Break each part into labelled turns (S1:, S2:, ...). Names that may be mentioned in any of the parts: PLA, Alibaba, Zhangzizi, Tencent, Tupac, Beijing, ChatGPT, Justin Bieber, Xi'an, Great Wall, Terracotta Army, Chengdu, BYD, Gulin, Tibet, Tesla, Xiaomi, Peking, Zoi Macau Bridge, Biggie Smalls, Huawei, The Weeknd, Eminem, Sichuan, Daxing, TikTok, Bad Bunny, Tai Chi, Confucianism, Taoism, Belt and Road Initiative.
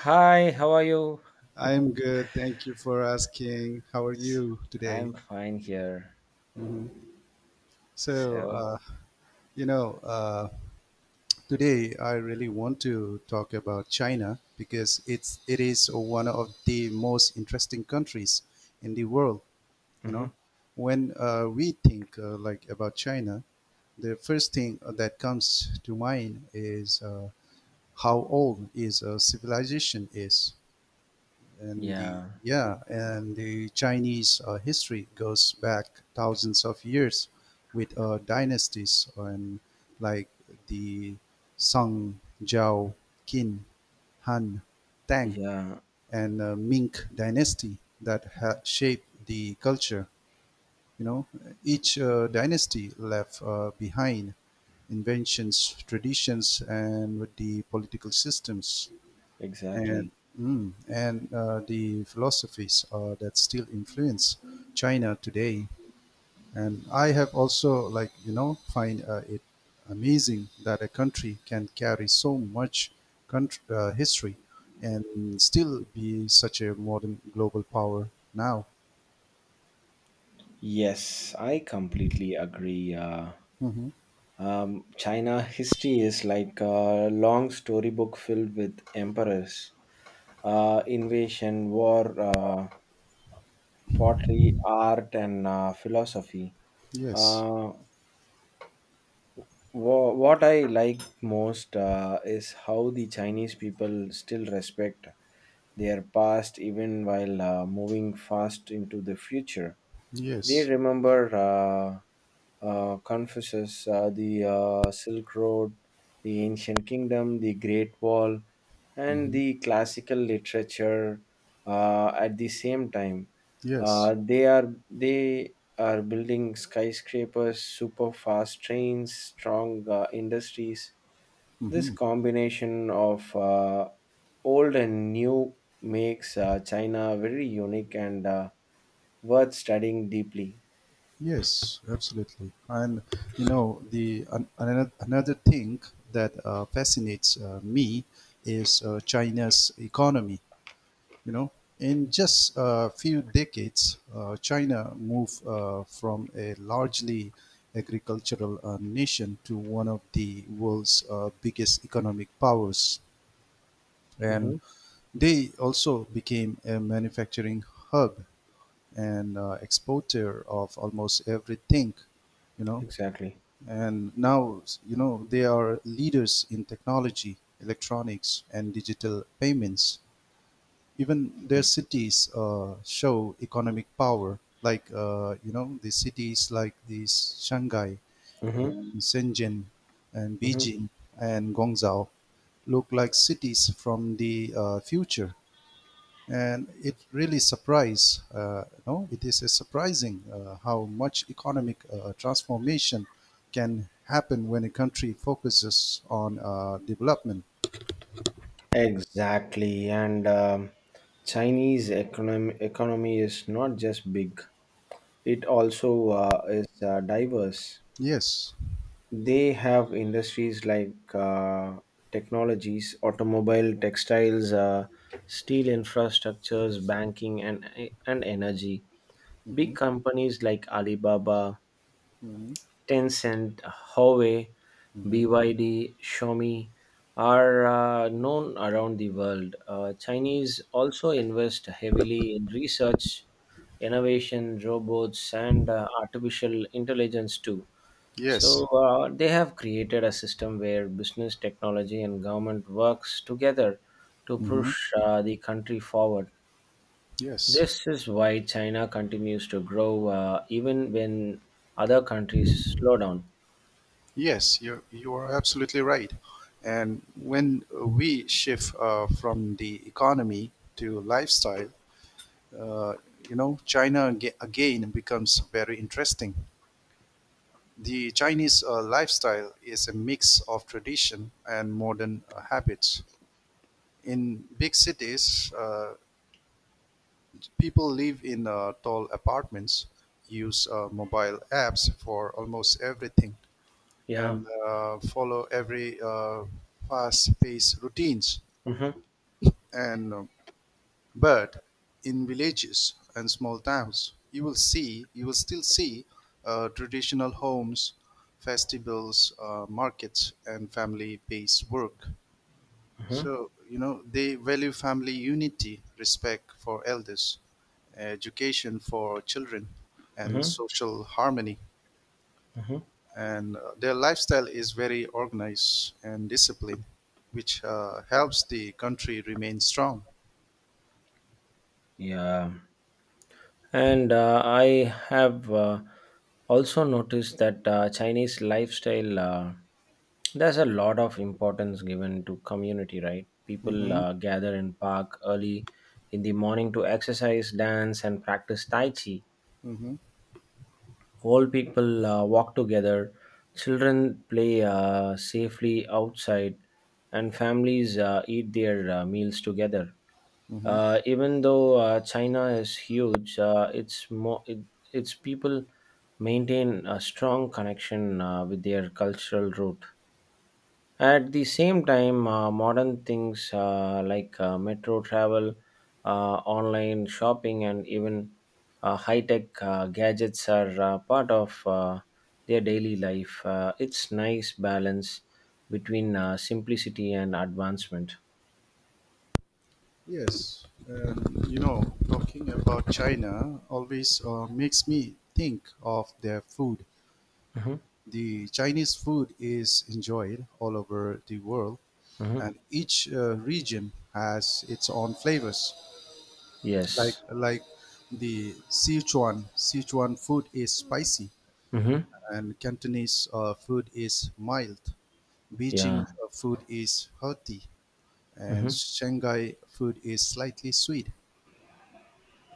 S1: Hi, how are you?
S2: I'm good. Thank you for asking. How are
S1: S-
S2: you today?
S1: I'm fine here.
S2: hmm So,
S1: So,
S2: uh, you know, uh, today I really want to talk about China because it is one of the most interesting countries in the world. You
S1: hmm
S2: know, when we think like about China, the first thing that comes to mind is how old is a civilization is. and the
S1: yeah,
S2: yeah, and the Chinese history goes back thousands of years with dynasties and like the Song, Zhao, Qin, Han, Tang,
S1: yeah,
S2: and Ming dynasty that shaped the culture. You know, each dynasty left behind inventions, traditions, and with the political systems and
S1: exactly.
S2: the philosophies that still influence China today. And I have also like you know find it amazing that a country can carry so much country, history and still be such a modern global power now.
S1: Yes, I completely agree.
S2: hmm
S1: China history is like a long storybook filled with emperors, invasion, war, pottery, art, and philosophy.
S2: Yes,
S1: Uh, what I like most is how the Chinese people still respect their past even while moving fast into the future. They
S2: yes,
S1: remember Confucius, the Silk Road, the ancient kingdom, the Great Wall, and
S2: hmm
S1: the classical literature at the same time.
S2: yes.
S1: They are building skyscrapers, super fast trains, strong industries. This
S2: hmm
S1: combination of old and new makes China very unique and worth studying deeply.
S2: Yes, absolutely. And you know, the an, another another thing that fascinates me is China's economy. You know, in just a few decades, China moved from a largely agricultural nation to one of the world's biggest economic powers,
S1: hmm
S2: and they also became a manufacturing hub and exporter of almost everything, you know.
S1: Exactly.
S2: And now, you know, they are leaders in technology, electronics, and digital payments. Even their
S1: Mm-hmm.
S2: cities show economic power, like, you know, the cities like these Shanghai
S1: Mm-hmm.
S2: and Shenzhen and
S1: Mm-hmm.
S2: Beijing and Guangzhou look like cities from the future, and it really surprised. No, it is a surprising how much economic transformation can happen when a country focuses on development.
S1: Exactly, and Chinese economy is not just big; it also is diverse.
S2: Yes.
S1: They have industries like technologies, automobile, textiles, steel infrastructures, banking, and energy. Big
S2: hmm
S1: companies like Alibaba,
S2: hmm
S1: Tencent, Huawei,
S2: hmm
S1: BYD, Xiaomi are known around the world. Chinese also invest heavily in research, innovation, robots, and artificial intelligence too.
S2: Yes.
S1: So they have created a system where business, technology, and government works together to
S2: hmm
S1: push the country forward.
S2: Yes.
S1: This is why China continues to grow even when other countries slow down.
S2: Yes. You are absolutely right. And when we shift from the economy to lifestyle, uh, you know, China again becomes very interesting. The Chinese lifestyle is a mix of tradition and modern habits. In big cities, people live in tall apartments, use mobile apps for almost everything,
S1: Yeah.
S2: and follow every fast-paced routines.
S1: hmm
S2: And But in villages and small towns, you will still see traditional homes, festivals, markets, and family-based work.
S1: hmm
S2: So, you know, they value family unity, respect for elders, education for children, and
S1: hmm
S2: social harmony.
S1: hmm
S2: And their lifestyle is very organized and disciplined, which helps the country remain strong.
S1: Yeah, and I have also noticed that Chinese lifestyle, there's a lot of importance given to community, right? People
S2: hmm
S1: gather in park early in the morning to exercise, dance, and practice Tai Chi.
S2: hmm
S1: Old people walk together, children play safely outside, and families eat their meals together.
S2: hmm
S1: Even though China is huge, its its people maintain a strong connection with their cultural root. At the same time, modern things like metro travel, uh, online shopping, and even high tech gadgets are part of their daily life. It's nice balance between simplicity and advancement.
S2: Yes, and you know, talking about China always makes me think of their food.
S1: hmm
S2: The Chinese food is enjoyed all over the world,
S1: hmm
S2: and each region has its own flavors. Like
S1: Yes.
S2: like the Sichuan food is spicy,
S1: hmm
S2: and Cantonese food is mild.
S1: Yeah,
S2: Beijing food is hearty, and
S1: mhm,
S2: Shanghai food is slightly sweet.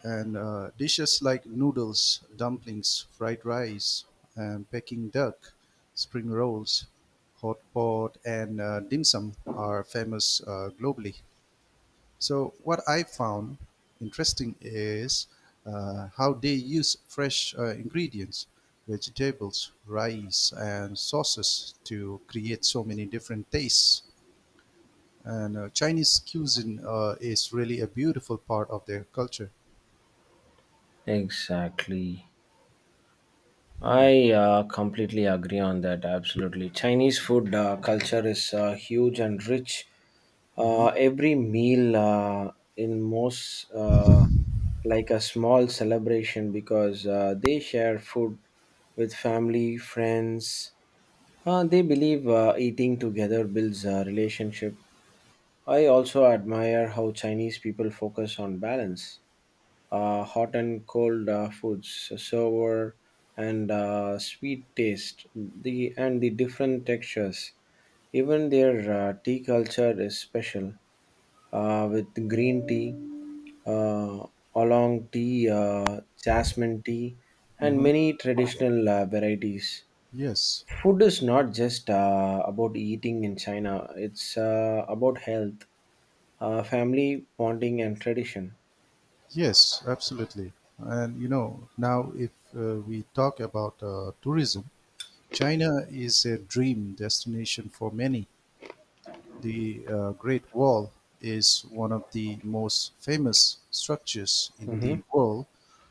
S2: And dishes like noodles, dumplings, fried rice, and Peking duck, spring rolls, hot pot, and dim sum are famous globally. So, what I found interesting is how they use fresh ingredients, vegetables, rice, and sauces to create so many different tastes. And Chinese cuisine is really a beautiful part of their culture.
S1: exactly.
S2: Mm.
S1: I completely agree on that. Absolutely. Chinese food culture is huge and rich.
S2: Mhm.
S1: Every meal in most like a small celebration because they share food with family, friends. They believe eating together builds a relationship. I also admire how Chinese people focus on balance. Hot and cold foods, sour and sweet taste, the different textures. Even their tea culture is special, with green tea, uh, oolong tea, jasmine tea, and
S2: Mhm.
S1: many traditional varieties.
S2: Yes,
S1: Food is not just about eating in China; it's about health, family bonding, and tradition.
S2: yes, absolutely. And you know, now if we talk about tourism, China is a dream destination for many. The Great Wall is one of the most famous structures in
S1: Mm-hmm.
S2: the world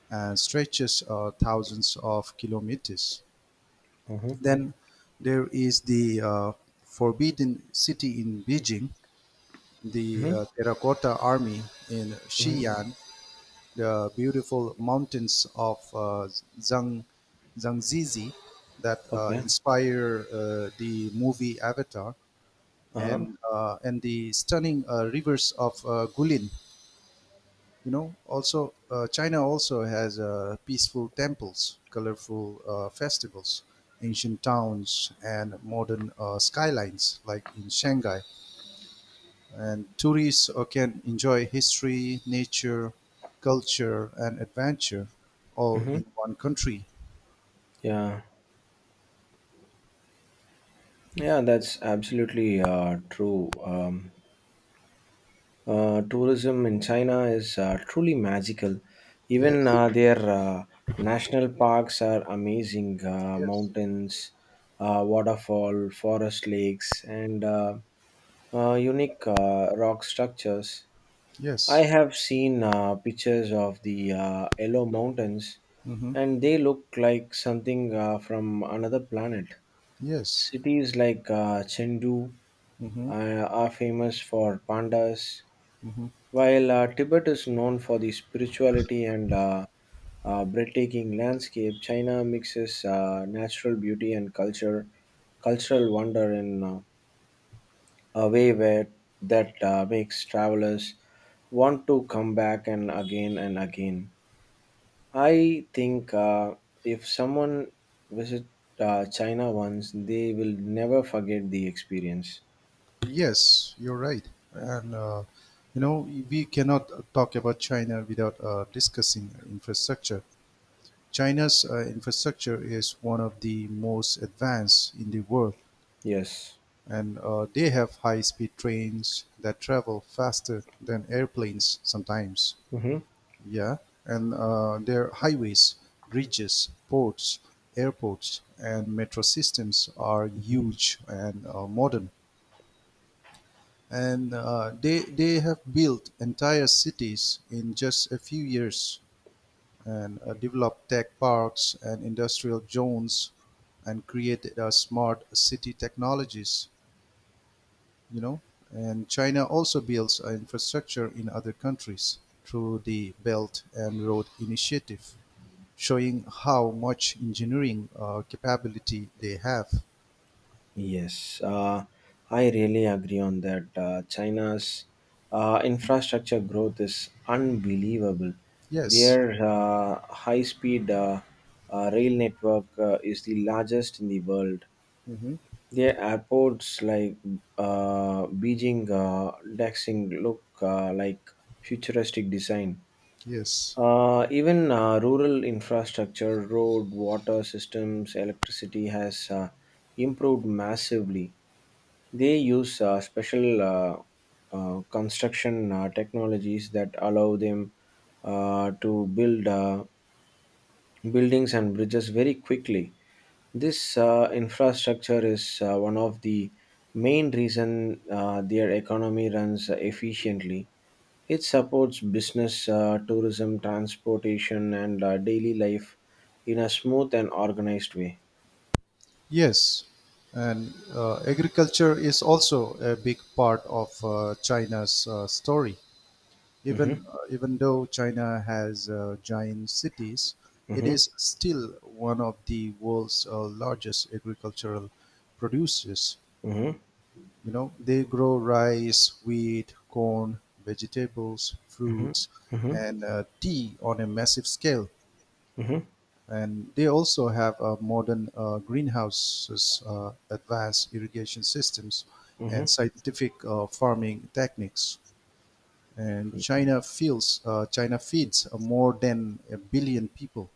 S2: and stretches thousands of kilometers.
S1: Mm-hmm.
S2: Then there is the Forbidden City in Beijing, the
S1: Mm-hmm.
S2: Terracotta Army in Xi'an, the beautiful mountains of Zhang, Zhangzizi that
S1: Okay.
S2: inspire the movie Avatar
S1: Uh-huh.
S2: and the stunning rivers of Gulin. You know, also China also has peaceful temples, colorful festivals, ancient towns, and modern skylines like in Shanghai, and tourists can enjoy history, nature, culture, and adventure all
S1: Mm-hmm.
S2: in one country.
S1: Yeah. Yeah, that's absolutely true. Tourism in China is truly magical. Even
S2: Yes,
S1: their national parks are amazing.
S2: yes,
S1: Mountains, waterfall, forest lakes, and unique rock structures. I
S2: yes,
S1: have seen pictures of the Yellow Mountains,
S2: mm-hmm.
S1: and they look like something from another planet.
S2: Yes,
S1: Cities like Chengdu
S2: mm-hmm.
S1: are famous for pandas,
S2: Mm-hmm.
S1: while Tibet is known for the spirituality and breathtaking landscape. China mixes natural beauty and culture, cultural wonder in a way where that makes travelers want to come back and again and again. I think if someone visit China once, they will never forget the experience.
S2: Yes. You're right, and you know we cannot talk about China without discussing infrastructure. China's infrastructure is one of the most advanced in the world,
S1: Yes.
S2: and they have high speed trains that travel faster than airplanes sometimes.
S1: hmm
S2: Yeah. And their highways, bridges, ports, airports, and metro systems are
S1: hmm
S2: huge and modern, and they have built entire cities in just a few years and developed tech parks and industrial zones and created smart city technologies, you know. And China also builds infrastructure in other countries through the Belt and Road Initiative, showing how much engineering capability they have.
S1: Yes, I really agree on that. China's infrastructure growth is unbelievable.
S2: Yes,
S1: Their high speed rail network is the largest in the world.
S2: hmm
S1: Their airports like Beijing, Daxing look like futuristic design.
S2: yes,
S1: Even rural infrastructure, road, water systems, electricity has improved massively. They use special construction technologies that allow them to build buildings and bridges very quickly. This infrastructure is one of the main reason their economy runs efficiently. It supports business, tourism, transportation, and daily life in a smooth and organized way.
S2: yes. And agriculture is also a big part of China's story.
S1: Mm-hmm,
S2: Even though China has giant cities, it
S1: mm-hmm,
S2: is still one of the world's largest agricultural producers.
S1: mm-hmm,
S2: You know, they grow rice, wheat, corn, vegetables,
S1: mm-hmm,
S2: fruits,
S1: mm-hmm,
S2: and tea on a massive scale.
S1: mm-hmm,
S2: And they also have modern greenhouses, advanced irrigation systems,
S1: Mm-hmm.
S2: and scientific farming techniques, and China feeds more than a billion people,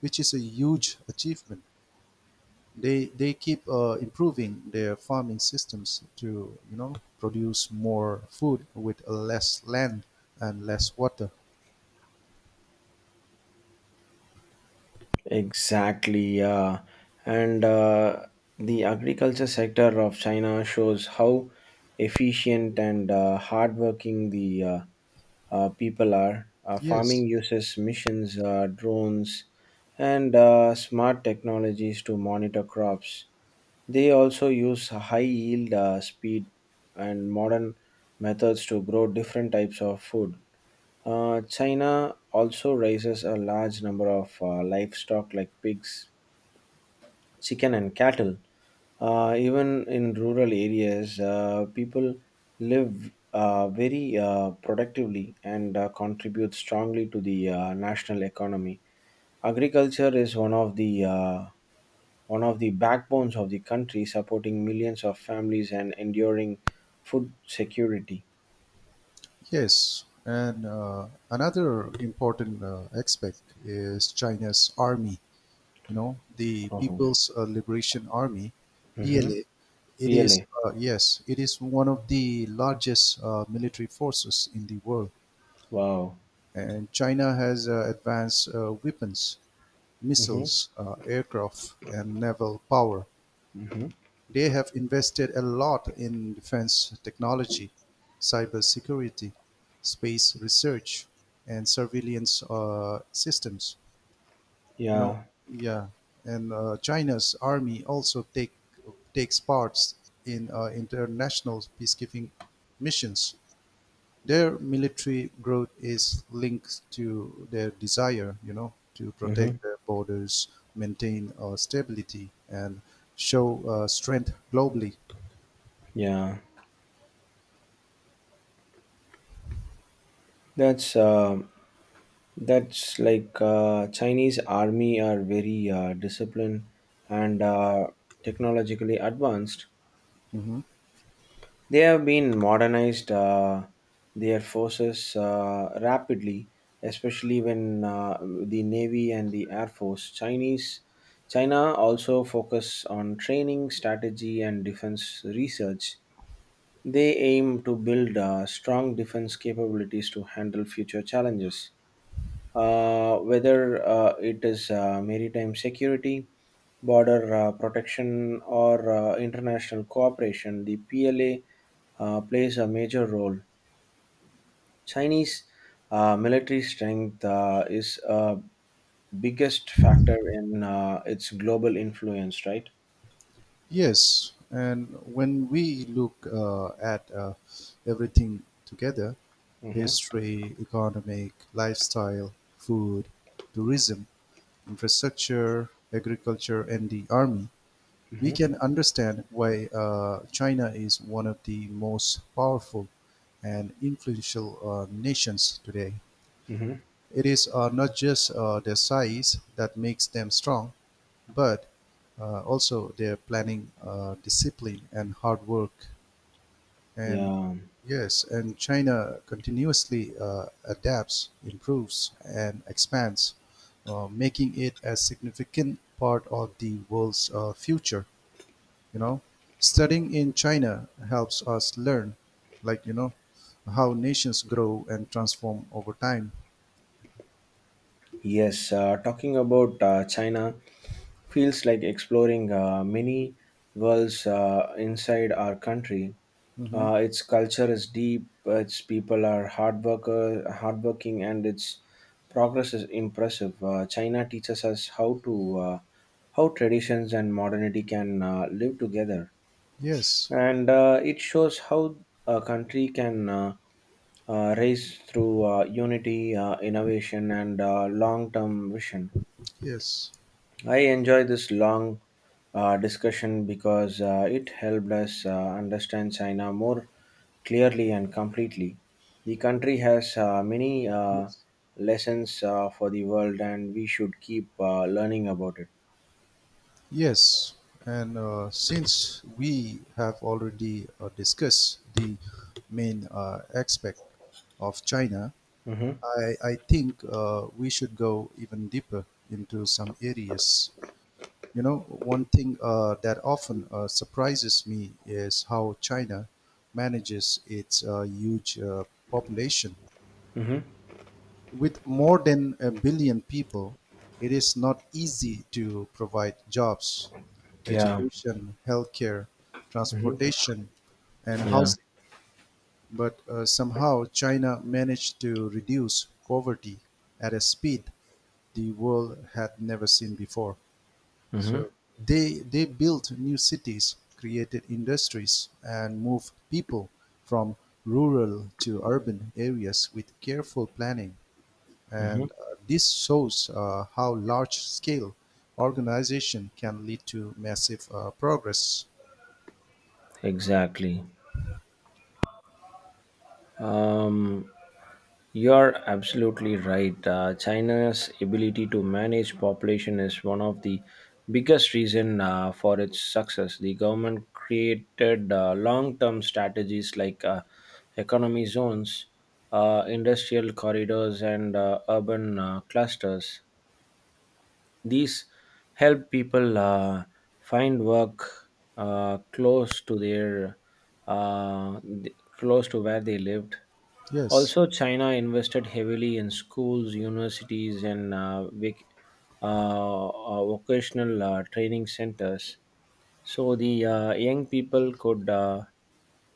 S2: which is a huge achievement. They keep improving their farming systems to, you know, produce more food with less land and less water.
S1: Exactly, yeah. And the agriculture sector of China shows how efficient and hardworking the people are. Farming
S2: Yes,
S1: uses machines, drones, and smart technologies to monitor crops. They also use high yield, speed, and modern methods to grow different types of food. China also raises a large number of livestock like pigs, chicken, and cattle. Even in rural areas, people live very productively and contribute strongly to the national economy. Agriculture is one of the backbones of the country, supporting millions of families and enduring food security.
S2: yes, and another important aspect is China's army. You know, the
S1: Uh-huh.
S2: People's Liberation Army,
S1: hmm
S2: PLA. It is
S1: PLA.
S2: uh, yes, it is one of the largest military forces in the world,
S1: Wow.
S2: and China has advanced weapons,
S1: hmm
S2: missiles, aircraft, and naval power.
S1: hmm
S2: They have invested a lot in defense technology, cybersecurity, space research, and surveillance systems. You know,
S1: Yeah.
S2: yeah, and china's army also take takes parts in international peacekeeping missions. Their military growth is linked to their desire, you know, to
S1: Mm-hmm.
S2: protect their borders, maintain stability, and show strength globally.
S1: Yeah. That's uh, that's like Chinese army are very disciplined and technologically advanced.
S2: Mhm.
S1: They have been modernized their forces rapidly, especially when the navy and the air force. Chinese China also focus on training, strategy, and defense research. They aim to build strong defense capabilities to handle future challenges, whether it is maritime security, border protection, or international cooperation. The PLA plays a major role. Chinese military strength is a biggest factor in its global influence, right?
S2: Yes, and when we look at everything together,
S1: Mm-hmm.
S2: history, economic, lifestyle, food, tourism, infrastructure, agriculture, and the army, we
S1: Mm-hmm.
S2: can understand why China is one of the most powerful and influential nations today.
S1: Mm-hmm.
S2: It is not just their size that makes them strong, but also their planning, discipline, and hard work. And
S1: Yeah.
S2: yes, and China continuously adapts, improves, and expands, making it a significant part of the world's future. You know, studying in China helps us learn, like, you know, how nations grow and transform over time.
S1: Yes. Talking about China, feels like exploring many worlds inside our country.
S2: hmm
S1: Its culture is deep, its people are hardworking, and its progress is impressive. China teaches us how traditions and modernity can live together,
S2: Yes,
S1: and it shows how a country can raise through unity, innovation, and long-term vision.
S2: yes,
S1: I enjoy this long discussion because it helped us understand China more clearly and completely. The country has many
S2: yes.
S1: lessons for the world, and we should keep learning about it.
S2: Yes, and since we have already discussed the main aspect of China,
S1: Mm-hmm.
S2: I think we should go even deeper into some areas. You know, one thing that often surprises me is how China manages its huge population.
S1: Mm-hmm.
S2: With more than a billion people, it is not easy to provide jobs,
S1: Yeah.
S2: education, healthcare,
S1: Mm-hmm.
S2: transportation, and
S1: Yeah.
S2: housing. But somehow China managed to reduce poverty at a speed the world had never seen before.
S1: Mm-hmm.
S2: So they built new cities, created industries, and moved people from rural to urban areas with careful planning.
S1: Mm-hmm.
S2: And this shows how large scale organization can lead to massive progress.
S1: Exactly. Um, you're absolutely right. China's ability to manage population is one of the biggest reason for its success. The government created long-term strategies like economy zones, industrial corridors, and urban clusters. These help people find work uh, close to their close to where they lived.
S2: Yes.
S1: Also, China invested heavily in schools, universities, and vocational training centers. So the young people could uh,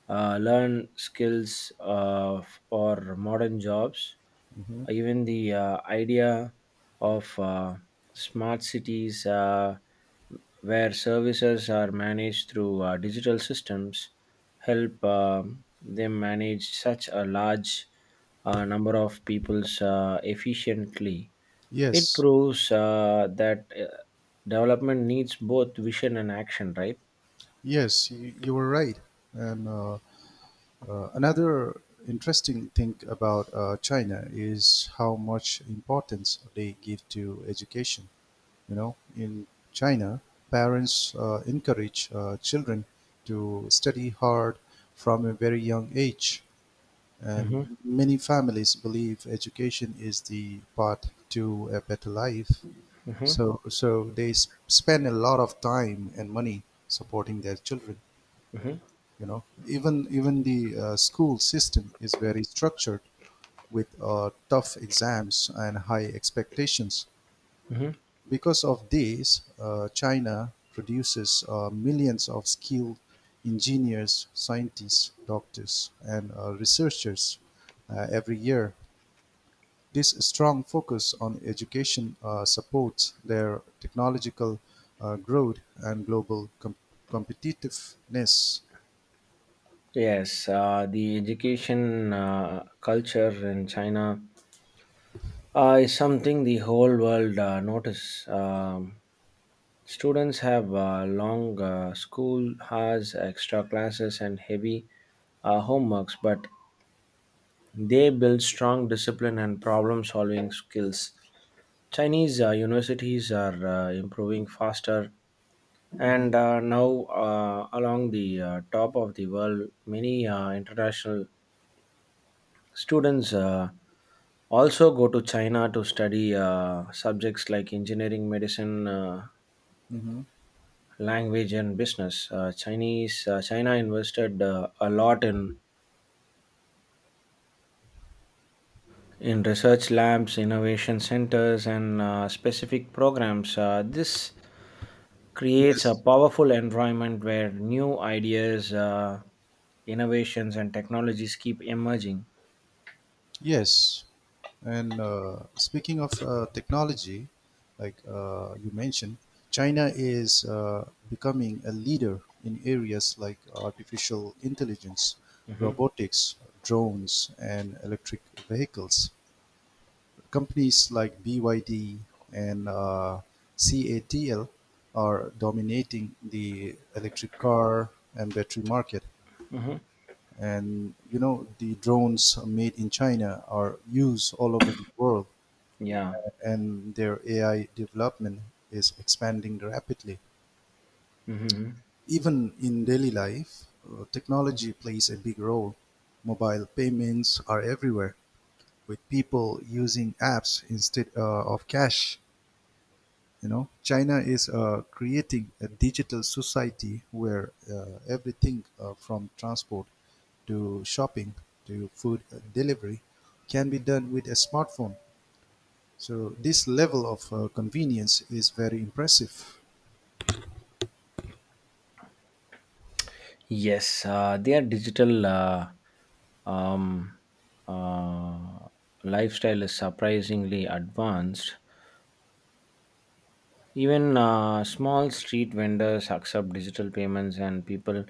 S1: uh, learn skills for modern jobs.
S2: Mhm.
S1: Even the idea of smart cities, where services are managed through digital systems, help them manage such a large number of peoples efficiently. It
S2: Yes,
S1: proves that development needs both vision and action, right?
S2: yes, you were right. And another interesting thing about China is how much importance they give to education. You know, in China, parents encourage children to study hard from a very young age,
S1: Mhm,
S2: and many families believe education is the path to a better life.
S1: mhm,
S2: So spend a lot of time and money supporting their children.
S1: mhm,
S2: You know, even the school system is very structured with tough exams and high expectations.
S1: mhm.
S2: Because of this, China produces millions of skilled engineers, scientists, doctors, and researchers every year. This strong focus on education supports their technological growth and global competitiveness.
S1: Yes, the education culture in China is something the whole world notice. Students have long school hours, extra classes, and heavy homeworks, but they build strong discipline and problem solving skills. Chinese universities are improving faster
S2: Mhm,
S1: and now along the top of the world. Many international students also go to China to study subjects like engineering, medicine,
S2: mhm.
S1: language and business. Chinese China invested a lot in research labs, innovation centers and specific programs. This creates a
S2: Yes,
S1: powerful environment where new ideas, innovations and technologies keep emerging.
S2: yes. And speaking of technology, like you mentioned, China is becoming a leader in areas like artificial intelligence,
S1: Mhm.
S2: robotics, drones, and electric vehicles. Companies like BYD and CATL are dominating the electric car and battery market.
S1: hmm
S2: And you know, the drones made in China are used all over the world,
S1: Yeah.
S2: and their AI development is expanding rapidly.
S1: hmm
S2: Even in daily life, technology plays a big role. Mobile payments are everywhere, with people using apps instead of cash. You know, China is creating a digital society where everything from transport to shopping to food delivery can be done with a smartphone, so this level of convenience is very impressive.
S1: Yes, they are digital um, uh, lifestyle is surprisingly advanced. Even small street vendors accept digital payments, and people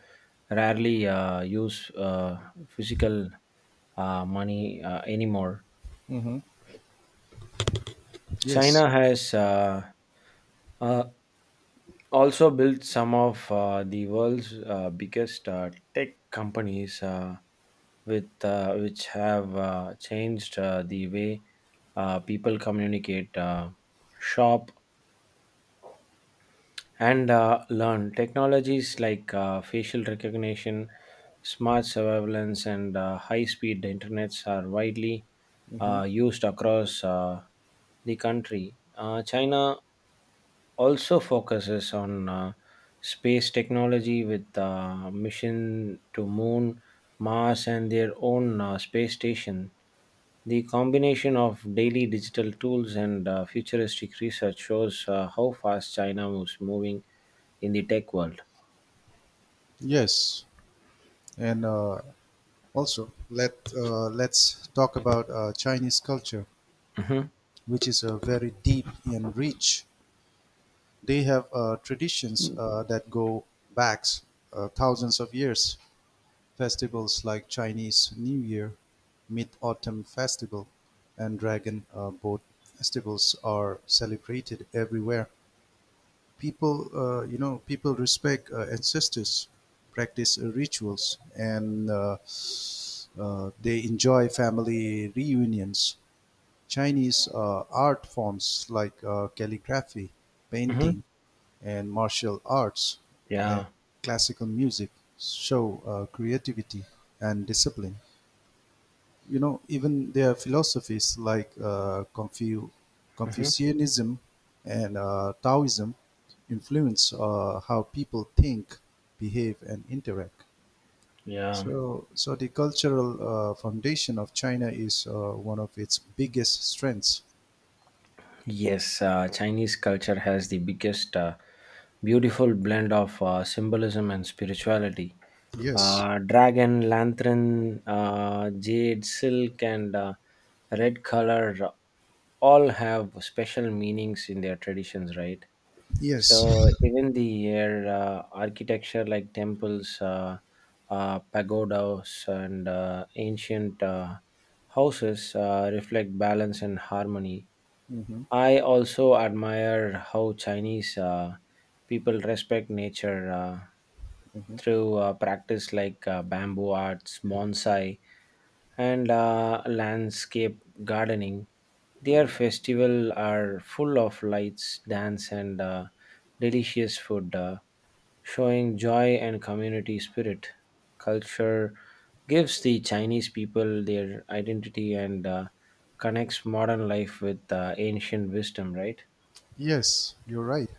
S1: rarely use physical money anymore.
S2: hmm yes.
S1: China has uh, also built some of the world's biggest tech companies, with which have changed the way people communicate, shop, and learn. Technologies like facial recognition, smart surveillance, and high-speed internets are widely
S2: hmm
S1: used across the country. China also focuses on space technology with mission to moon, mars and their own space station. The combination of daily digital tools and futuristic research shows how fast China was moving in the tech world.
S2: yes, and also let let's talk about Chinese culture,
S1: hmm
S2: which is very deep and rich. They have traditions that go back thousands of years. Festivals like Chinese New Year, Mid Autumn Festival, and Dragon Boat festivals are celebrated everywhere. People, people respect ancestors, practice rituals, and they enjoy family reunions. Chinese art forms like calligraphy,
S1: hmm
S2: painting, and martial arts and
S1: yeah
S2: classical music show creativity and discipline. You know, even their philosophies like
S1: hmm
S2: Confucianism and Taoism influence how people think, behave, and interact.
S1: yeah.
S2: So the cultural foundation of China is one of its biggest strengths.
S1: Yes, Chinese culture has the biggest, beautiful blend of symbolism and spirituality.
S2: Yes,
S1: Dragon, lantern, jade, silk, and red color all have special meanings in their traditions, right?
S2: yes,
S1: So even the architecture, like temples, pagodas, and ancient houses reflect balance and harmony.
S2: hmm
S1: I also admire how Chinese people respect nature
S2: hmm
S1: through practice like bamboo arts, bonsai, and landscape gardening. Their festival are full of lights, dance, and delicious food, showing joy and community spirit. Culture gives the Chinese people their identity and connects modern life with ancient wisdom, right?
S2: yes, you're right.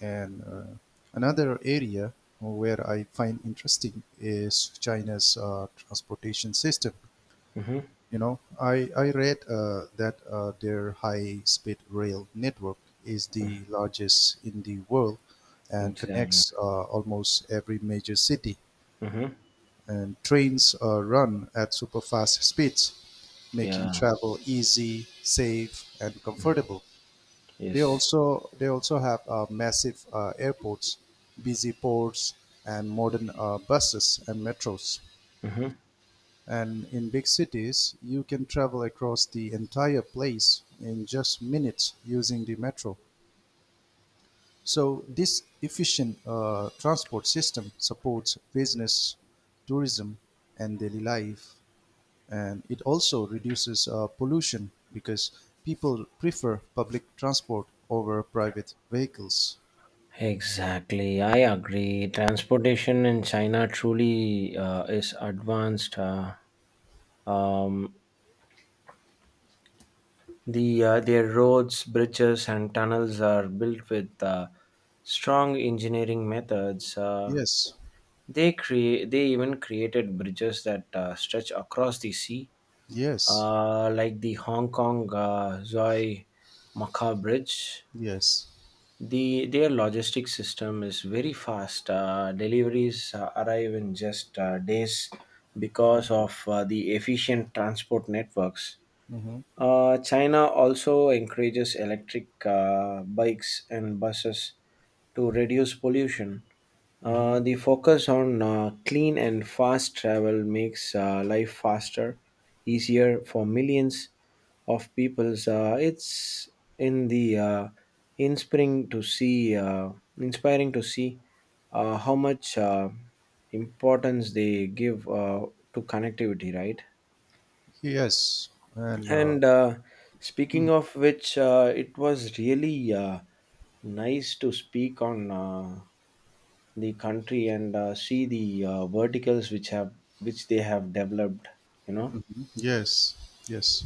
S2: And another area where I find interesting is China's transportation system.
S1: Mm-hmm.
S2: You know, I read that their high speed rail network is
S1: Mm-hmm.
S2: the largest in the world and
S1: Exactly.
S2: connects almost every major city.
S1: Mm-hmm.
S2: And trains run at super fast speeds, making
S1: Yeah.
S2: travel easy, safe, and
S1: Mm.
S2: comfortable. They
S1: Yes.
S2: also they also have massive airports, busy ports, and modern buses and metros.
S1: Mm-hmm.
S2: And in big cities, you can travel across the entire place in just minutes using the metro. So this efficient transport system supports business, tourism, and daily life. And it also reduces pollution because people prefer public transport over private vehicles.
S1: Exactly, I agree. Transportation in China truly is advanced. Um, The their roads, bridges, and tunnels are built with strong engineering methods.
S2: Yes,
S1: They create they even created bridges that stretch across the sea,
S2: yes,
S1: like the Hong Kong Zoi Macau Bridge.
S2: yes,
S1: Their logistic system is very fast. Deliveries arrive in just days because of the efficient transport networks.
S2: mm-hmm.
S1: China also encourages electric bikes and buses to reduce pollution.
S2: Mm-hmm.
S1: The focus on clean and fast travel makes life faster, easier for millions of people. It's in the inspiring to see, Inspiring to see how much importance they give to connectivity, right?
S2: Yes, and
S1: And speaking of which, it was really nice to speak on the country and see the verticals which they have developed. You know.
S2: yes, yes.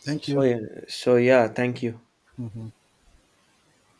S2: Thank
S1: So
S2: you.
S1: yeah, so yeah, thank you.
S2: Mm-hmm.